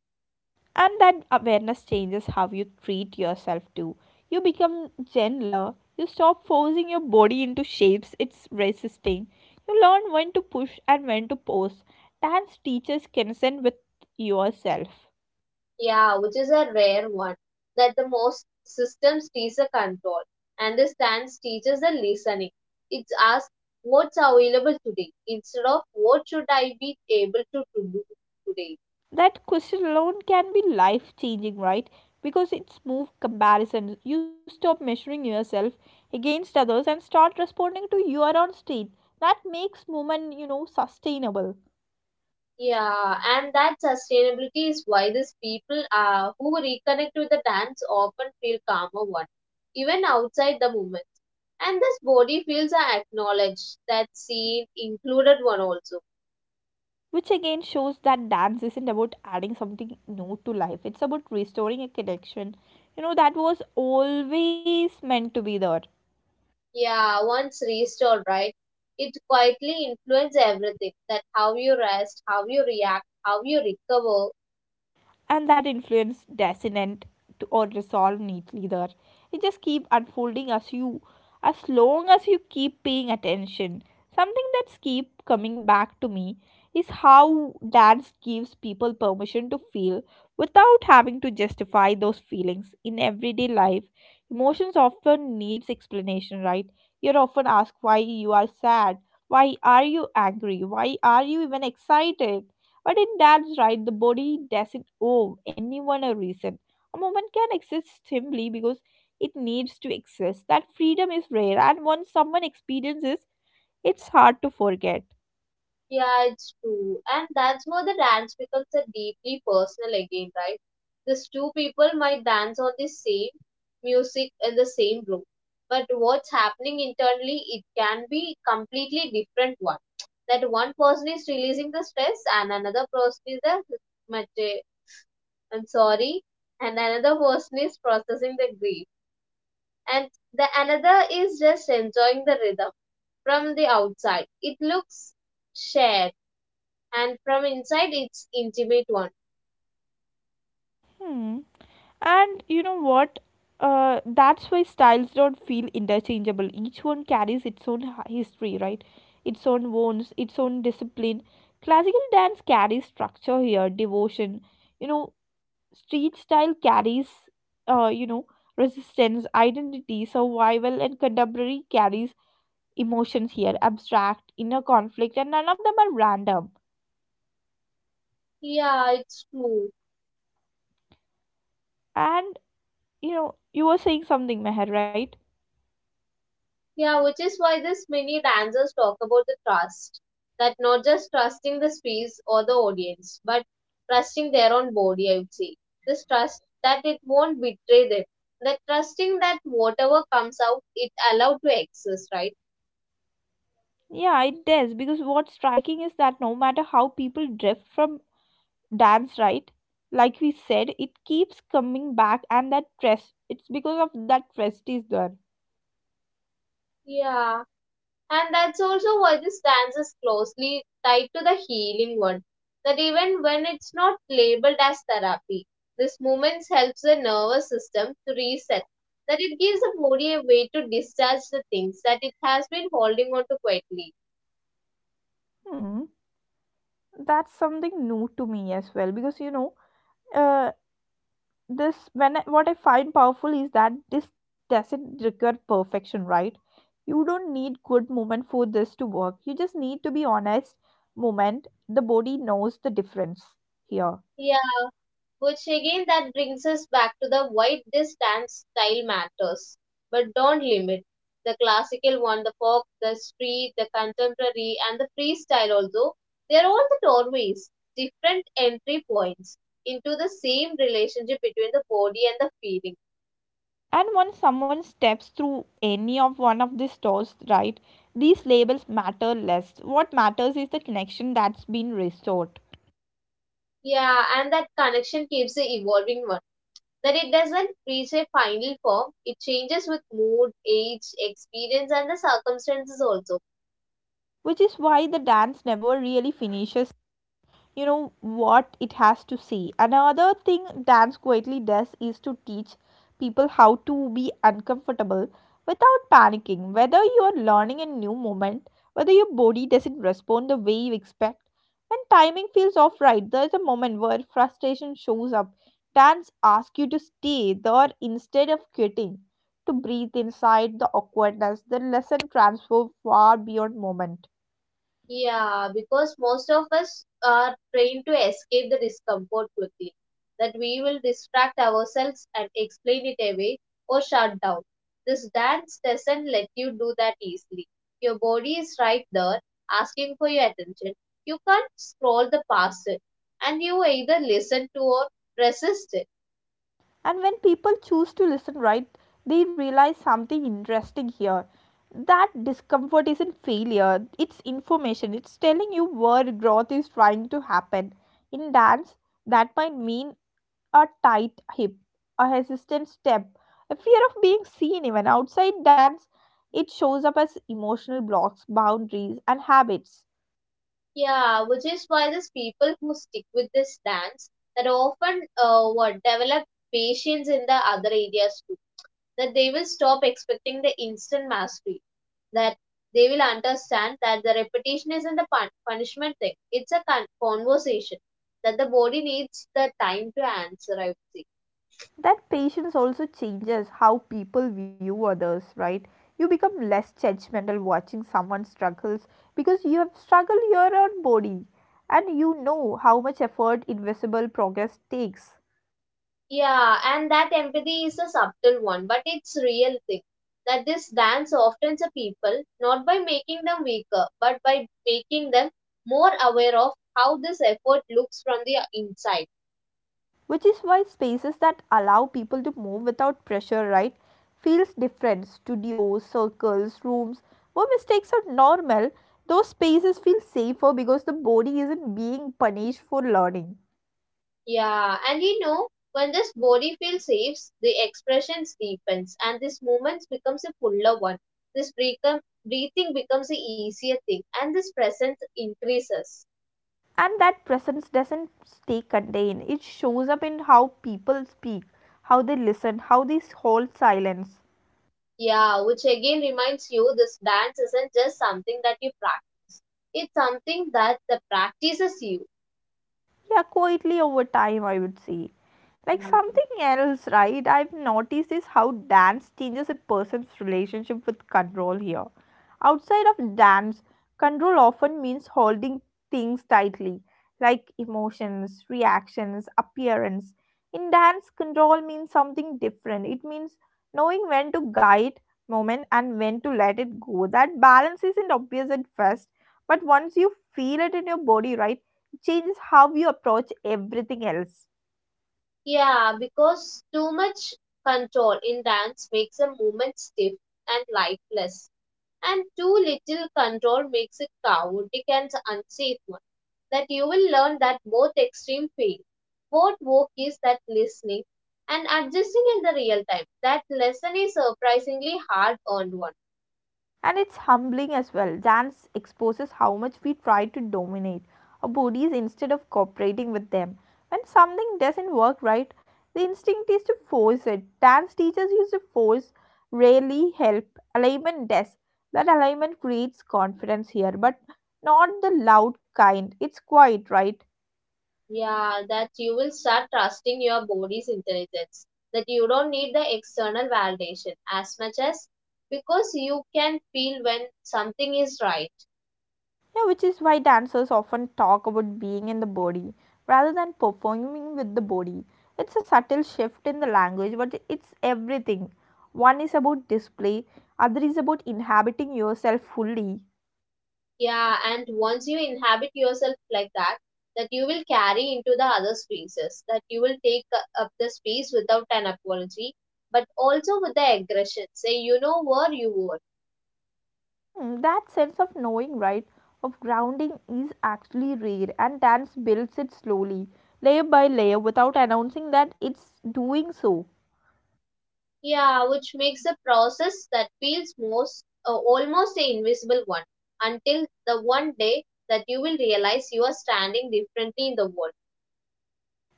S1: And that awareness changes how you treat yourself too. You become gentler. You stop forcing your body into shapes it's resisting. You learn when to push and when to pause. Dance teaches consent with yourself.
S2: Yeah, which is a rare one. That the most systems teach the control and the stance teaches the listening. It asks what's available today instead of what should I be able to do today.
S1: That question alone can be life changing, right? Because it's move comparison. You stop measuring yourself against others and start responding to your own state. That makes movement, sustainable.
S2: Yeah, and that sustainability is why these people who reconnect with the dance often feel calmer one, even outside the movements. And this body feels are acknowledged, that seen, included one also.
S1: Which again shows that dance isn't about adding something new to life, it's about restoring a connection, that was always meant to be there.
S2: Yeah, once restored, right? It quietly influences everything. That how you rest, how you react, how you recover.
S1: And that influence doesn't to or resolve neatly there. It just keep unfolding as you as long as you keep paying attention. Something that's keep coming back to me is how dance gives people permission to feel without having to justify those feelings in everyday life. Emotions often needs explanation, right? You're often asked why you are sad, why are you angry, why are you even excited? But in Dad's right, the body doesn't owe anyone a reason. A moment can exist simply because it needs to exist. That freedom is rare, and once someone experiences, it's hard to forget.
S2: Yeah, it's true. And that's where the dance becomes a deeply personal again, right? These two people might dance on the same music in the same room. But what's happening internally, it can be completely different one. That one person is releasing the stress and the I'm sorry, another person is processing the grief, and the another is just enjoying the rhythm. From the outside, it looks shared, and from inside, it's intimate one.
S1: Hmm. And you know what? That's why styles don't feel interchangeable. Each one carries its own history, right? Its own wounds, its own discipline. Classical dance carries structure here, devotion, you know, street style carries, uh, you know, resistance, identity, survival, and contemporary carries emotions here, abstract, inner conflict, and none of them are random.
S2: Yeah, it's true.
S1: And you know, you were saying something, Meher, right?
S2: Yeah, which is why this many dancers talk about the trust, that not just trusting the space or the audience, but trusting their own body. I would say this trust that it won't betray them, the trusting that whatever comes out it allowed to exist, right?
S1: Yeah, it does, because what's striking is that no matter how people drift from dance, right? Like we said, it keeps coming back, and that trust, it's because of that trust is there.
S2: Yeah, and that's also why this dance is closely tied to the healing one. That even when it's not labeled as therapy, this movement helps the nervous system to reset. That it gives the body a way to discharge the things that it has been holding on to quietly.
S1: Hmm, that's something new to me as well because Uh, this when what I find powerful is that this doesn't require perfection, right? You don't need good moment for this to work, you just need to be honest moment. The body knows the difference here.
S2: Yeah, which again that brings us back to the why distance style matters. But don't limit. The classical one, the folk, the street, the contemporary, and the freestyle also, they are all the doorways, different entry points into the same relationship between the body and the feeling.
S1: And once someone steps through any of one of these doors, right, these labels matter less. What matters is the connection that's been restored.
S2: Yeah, and that connection keeps the evolving one. That it doesn't reach a final form, it changes with mood, age, experience, and the circumstances also.
S1: Which is why the dance never really finishes, you know what it has to see. Another thing dance quietly does is to teach people how to be uncomfortable without panicking. Whether you are learning a new movement, whether your body doesn't respond the way you expect, when timing feels off, right, there's a moment where frustration shows up. Dance asks you to stay there instead of quitting, to breathe inside the awkwardness. The lesson transfer far beyond moment.
S2: Yeah, because most of us are trained to escape the discomfort quickly, that we will distract ourselves and explain it away or shut down. This dance doesn't let you do that easily. Your body is right there asking for your attention. You can't scroll the past it, and you either listen to or resist it.
S1: And when people choose to listen, right, they realize something interesting here. That discomfort isn't failure, it's information. It's telling you where growth is trying to happen. In dance, that might mean a tight hip, a hesitant step, a fear of being seen, even. Outside dance, it shows up as emotional blocks, boundaries, and habits.
S2: Yeah, which is why these people who stick with this dance that often what develop patience in the other areas too, that they will stop expecting the instant mastery, that they will understand that the repetition isn't the punishment thing, it's a conversation, that the body needs the time to answer, I would say.
S1: That patience also changes how people view others, right? You become less judgmental watching someone struggles because you have struggled your own body, and you know how much effort invisible progress takes.
S2: Yeah, and that empathy is a subtle one, but it's real thing, that this dance often the people, not by making them weaker, but by making them more aware of how this effort looks from the inside.
S1: Which is why spaces that allow people to move without pressure, right, feels different. Studios, circles, rooms where mistakes are normal, those spaces feel safer because the body isn't being punished for learning.
S2: Yeah, and you know, when this body feel saves, the expressions deepens and this movement becomes a fuller one. This become, breathing becomes a easier thing and this presence increases.
S1: And that presence doesn't stay contained. It shows up in how people speak, how they listen, how they hold silence.
S2: Yeah, which again reminds you this dance isn't just something that you practice. It's something that the practices you.
S1: Yeah, quietly over time, I would say. Like
S2: Yeah.
S1: something else, right, I've noticed is how dance changes a person's relationship with control here. Outside of dance, control often means holding things tightly, like emotions, reactions, appearance. In dance, control means something different. It means knowing when to guide moment and when to let it go. That balance isn't obvious at first, but once you feel it in your body, right, changes how you approach everything else.
S2: Yeah, because too much control in dance makes a movement stiff and lifeless, and too little control makes it chaotic and unsafe one. That you will learn that both extreme fail. What work is that listening and adjusting in the real time. That lesson is surprisingly hard earned one.
S1: And it's humbling as well. Dance exposes how much we try to dominate our bodies instead of cooperating with them. When something doesn't work right, the instinct is to force it. Dance teachers use to force, rarely help. Alignment does. That alignment creates confidence here, but not the loud kind. It's quiet, right?
S2: Yeah, that you will start trusting your body's intelligence. That you don't need the external validation as much as because you can feel when something is right.
S1: Yeah, which is why dancers often talk about being in the body rather than performing with the body. It's a subtle shift in the language, but it's everything. One is about display, other is about inhabiting yourself fully.
S2: Yeah, and once you inhabit yourself like that, that you will carry into the other spaces, that you will take up the space without an apology, but also with the aggression. Say, you know where you were.
S1: Hmm, that sense of knowing, right, of grounding is actually rare, and dance builds it slowly, layer by layer, without announcing that it's doing so.
S2: Yeah, which makes the process that feels most almost an invisible one until the one day that you will realize you are standing differently in the world.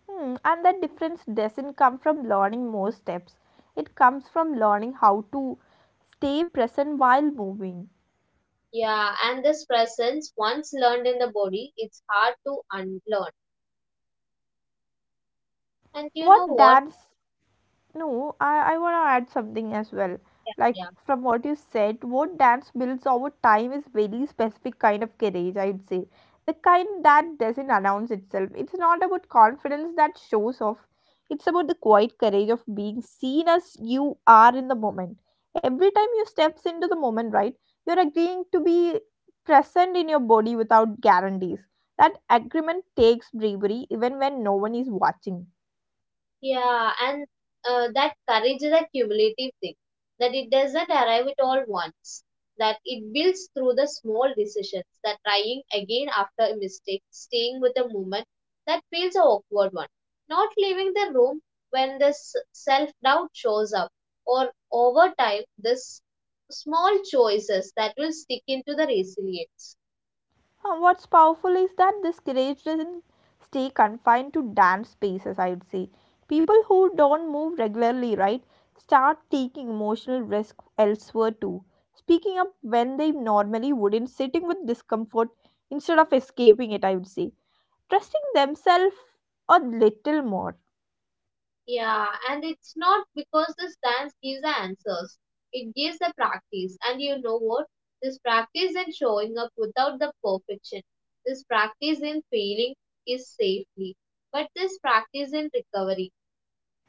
S1: Hmm, and that difference doesn't come from learning more steps. It comes from learning how to stay present while moving.
S2: Yeah, and this presence, once learned in the body, it's hard to unlearn. And you know
S1: What
S2: what?
S1: dance No, I want to add something as well.
S2: Yeah.
S1: Like
S2: Yeah.
S1: from what you said, what dance builds over time is very specific kind of courage, I would say. The kind that doesn't announce itself. It's not about confidence that shows off. It's about the quiet courage of being seen as you are in the moment. Every time you steps into the moment, right, you're agreeing to be present in your body without guarantees. That agreement takes bravery even when no one is watching.
S2: Yeah, and that courage is a cumulative thing, that it doesn't arrive at all once, that it builds through the small decisions, that trying again after a mistake, staying with a moment that feels a awkward one, not leaving the room when the self doubt shows up, or over time, this small choices that will stick into the resilience.
S1: What's powerful is that this courage doesn't stay confined to dance spaces, I would say. People who don't move regularly, right, start taking emotional risk elsewhere too. Speaking up when they normally wouldn't, sitting with discomfort instead of escaping it, I would say. Trusting themselves a little more.
S2: Yeah, and it's not because the stance gives the answers. It gives the practice. And you know what? This practice in showing up without the perfection. This practice in failing is safely. But this practice in recovery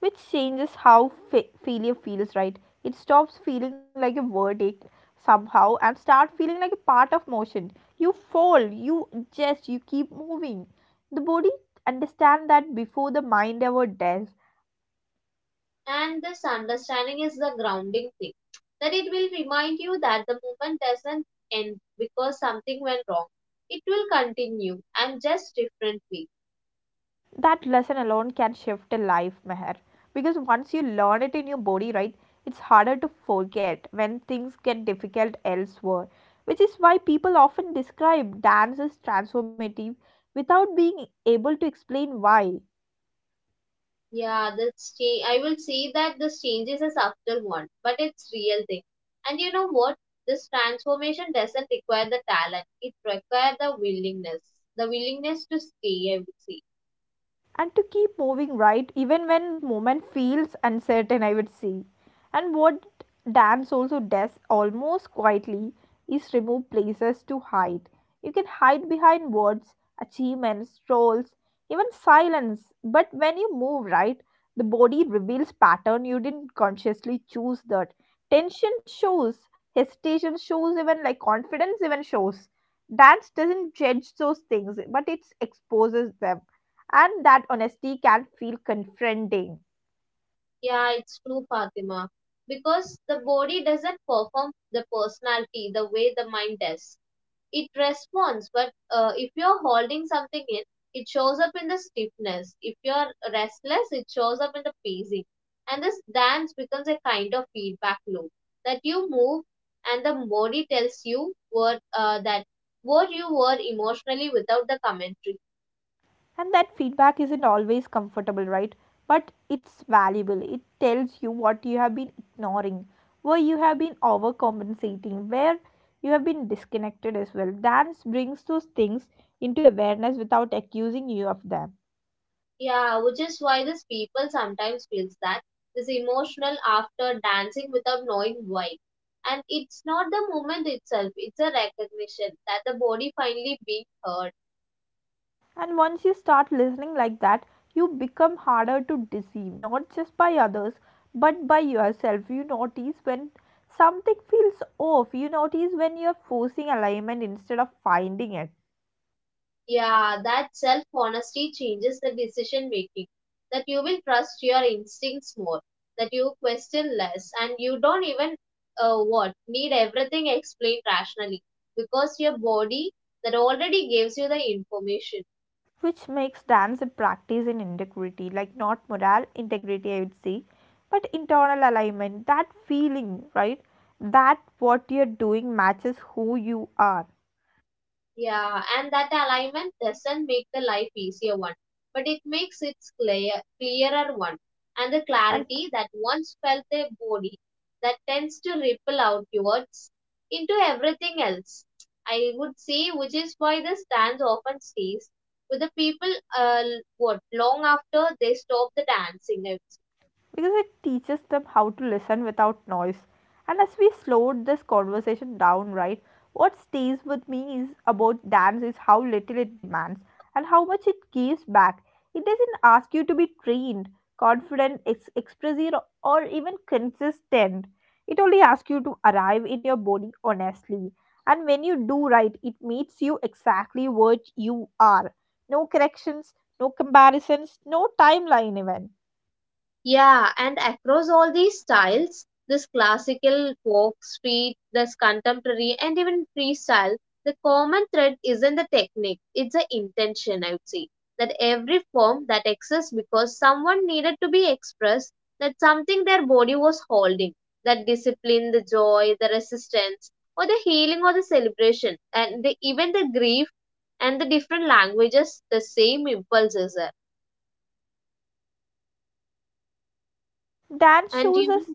S1: Which changes how failure feels, right? It stops feeling like a verdict somehow and start feeling like a part of motion. You fall, you adjust, you keep moving. The body understand that before the mind ever does.
S2: and this understanding is the grounding thing. That it will remind you that the movement doesn't end because something went wrong. It will continue and just differently.
S1: That lesson alone can shift a life, Meher, because once you learn it in your body, right, it's harder to forget when things get difficult elsewhere. Which is why people often describe dance as transformative without being able to explain why.
S2: Yeah, that's change. I will say that this changes is after one, but it's real thing. And you know what? This transformation doesn't require the talent. It requires the willingness to stay. I would say.
S1: And to keep moving, right, even when movement feels uncertain, I would say. And what dance also does almost quietly is remove places to hide. You can hide behind words, achievements, roles, even silence, but when you move, right, the body reveals pattern you didn't consciously choose. That tension shows, hesitation shows, even like confidence even shows. Dance doesn't judge those things, but it exposes them, and that honesty can feel confronting.
S2: Yeah, it's true, Fatima. Because the body doesn't perform the personality the way the mind does. It responds, but if you're holding something in, it shows up in the stiffness, if you're restless it shows up in the pacing, and this dance becomes a kind of feedback loop, that you move and the body tells you what that what you were emotionally without the commentary.
S1: And that feedback isn't always comfortable, right, but it's valuable. It tells you what you have been ignoring, where you have been overcompensating, where you have been disconnected as well. Dance brings those things into awareness without accusing you of them.
S2: Yeah, which is why these people sometimes feels that this emotional after dancing without knowing why, and it's not the moment itself, it's a recognition that the body finally being heard.
S1: And once you start listening like that, you become harder to deceive, not just by others, but by yourself. You notice when something feels off, you notice when you're forcing alignment instead of finding it.
S2: Yeah, that self honesty changes the decision making. That you will trust your instincts more, that you question less, and you don't even what need everything explained rationally because your body that already gives you the information.
S1: Which makes dance a practice in integrity, like not moral integrity, I would say, but internal alignment, that feeling, right? That what you're doing matches who you are.
S2: Yeah, and that alignment doesn't make the life easier one, but it makes it clear, clearer one. And the
S1: And
S2: clarity that once felt their body that tends to ripple outwards into everything else. I would say, which is why the dance often stays with the people what long after they stop the dancing. I would.
S1: because it teaches them how to listen without noise. And as we slowed this conversation down, right, what stays with me is about dance is how little it demands and how much it gives back. It doesn't ask you to be trained, confident, expressive, or even consistent. It only asks you to arrive in your body honestly. And when you do right, it meets you exactly what you are. No corrections, no comparisons, no timeline even.
S2: Yeah, and across all these styles, this classical, folk, street, this contemporary, and even freestyle, the common thread isn't the technique, it's the intention, I would say. That every form that exists because someone needed to be expressed, that something their body was holding, that discipline, the joy, the resistance, or the healing or the celebration, and the, even the grief and the different languages, the same impulses are.
S1: That
S2: And you
S1: shows us.
S2: know,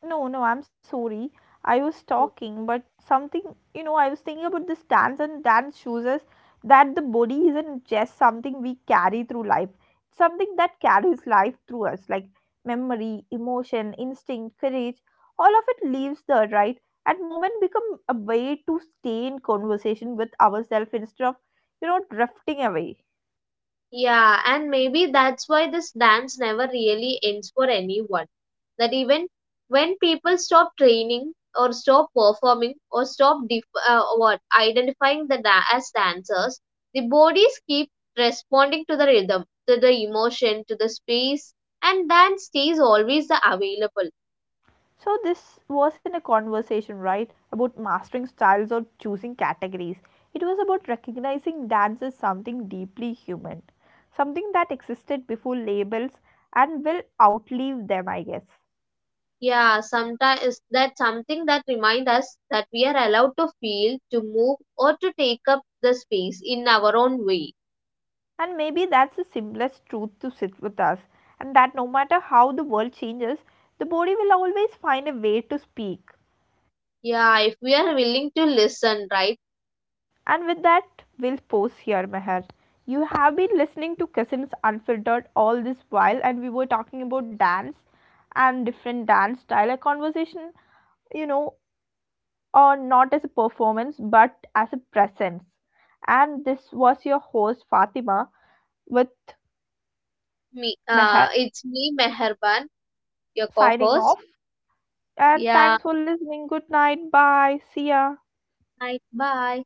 S1: No, no, I'm sorry. I was talking, but something, you know, I was thinking about this dance, and dance shows us that the body isn't just something we carry through life, it's something that carries life through us, like memory, emotion, instinct, courage. All of it leaves the right? At moment become a way to stay in conversation with ourselves instead of, you know, drifting away.
S2: yeah, and maybe that's why this dance never really ends for anyone. That even when people stop training or stop performing or stop what identifying the as dancers, the bodies keep responding to the rhythm, to the emotion, to the space, and dance stays always the available.
S1: So this was in a conversation, right, about mastering styles or choosing categories. It was about recognizing dance as something deeply human, something that existed before labels and will outlive them, I guess.
S2: Yeah, sometimes that's something that reminds us that we are allowed to feel, to move, or to take up the space in our own way.
S1: And maybe that's the simplest truth to sit with us, and that no matter how the world changes, the body will always find a way to speak.
S2: Yeah, if we are willing to listen, right?
S1: And with that, we'll pause here, Meher. You have been listening to Cousins Unfiltered all this while, and we were talking about dance and different dance style. A conversation, you know, or not as a performance, but as a presence. And this was your host, Fatima, with Meher
S2: It's me, Meherban, your
S1: signing
S2: co-host.
S1: off. And
S2: Yeah,
S1: thanks for listening. Good night. Bye. See ya.
S2: right. Bye.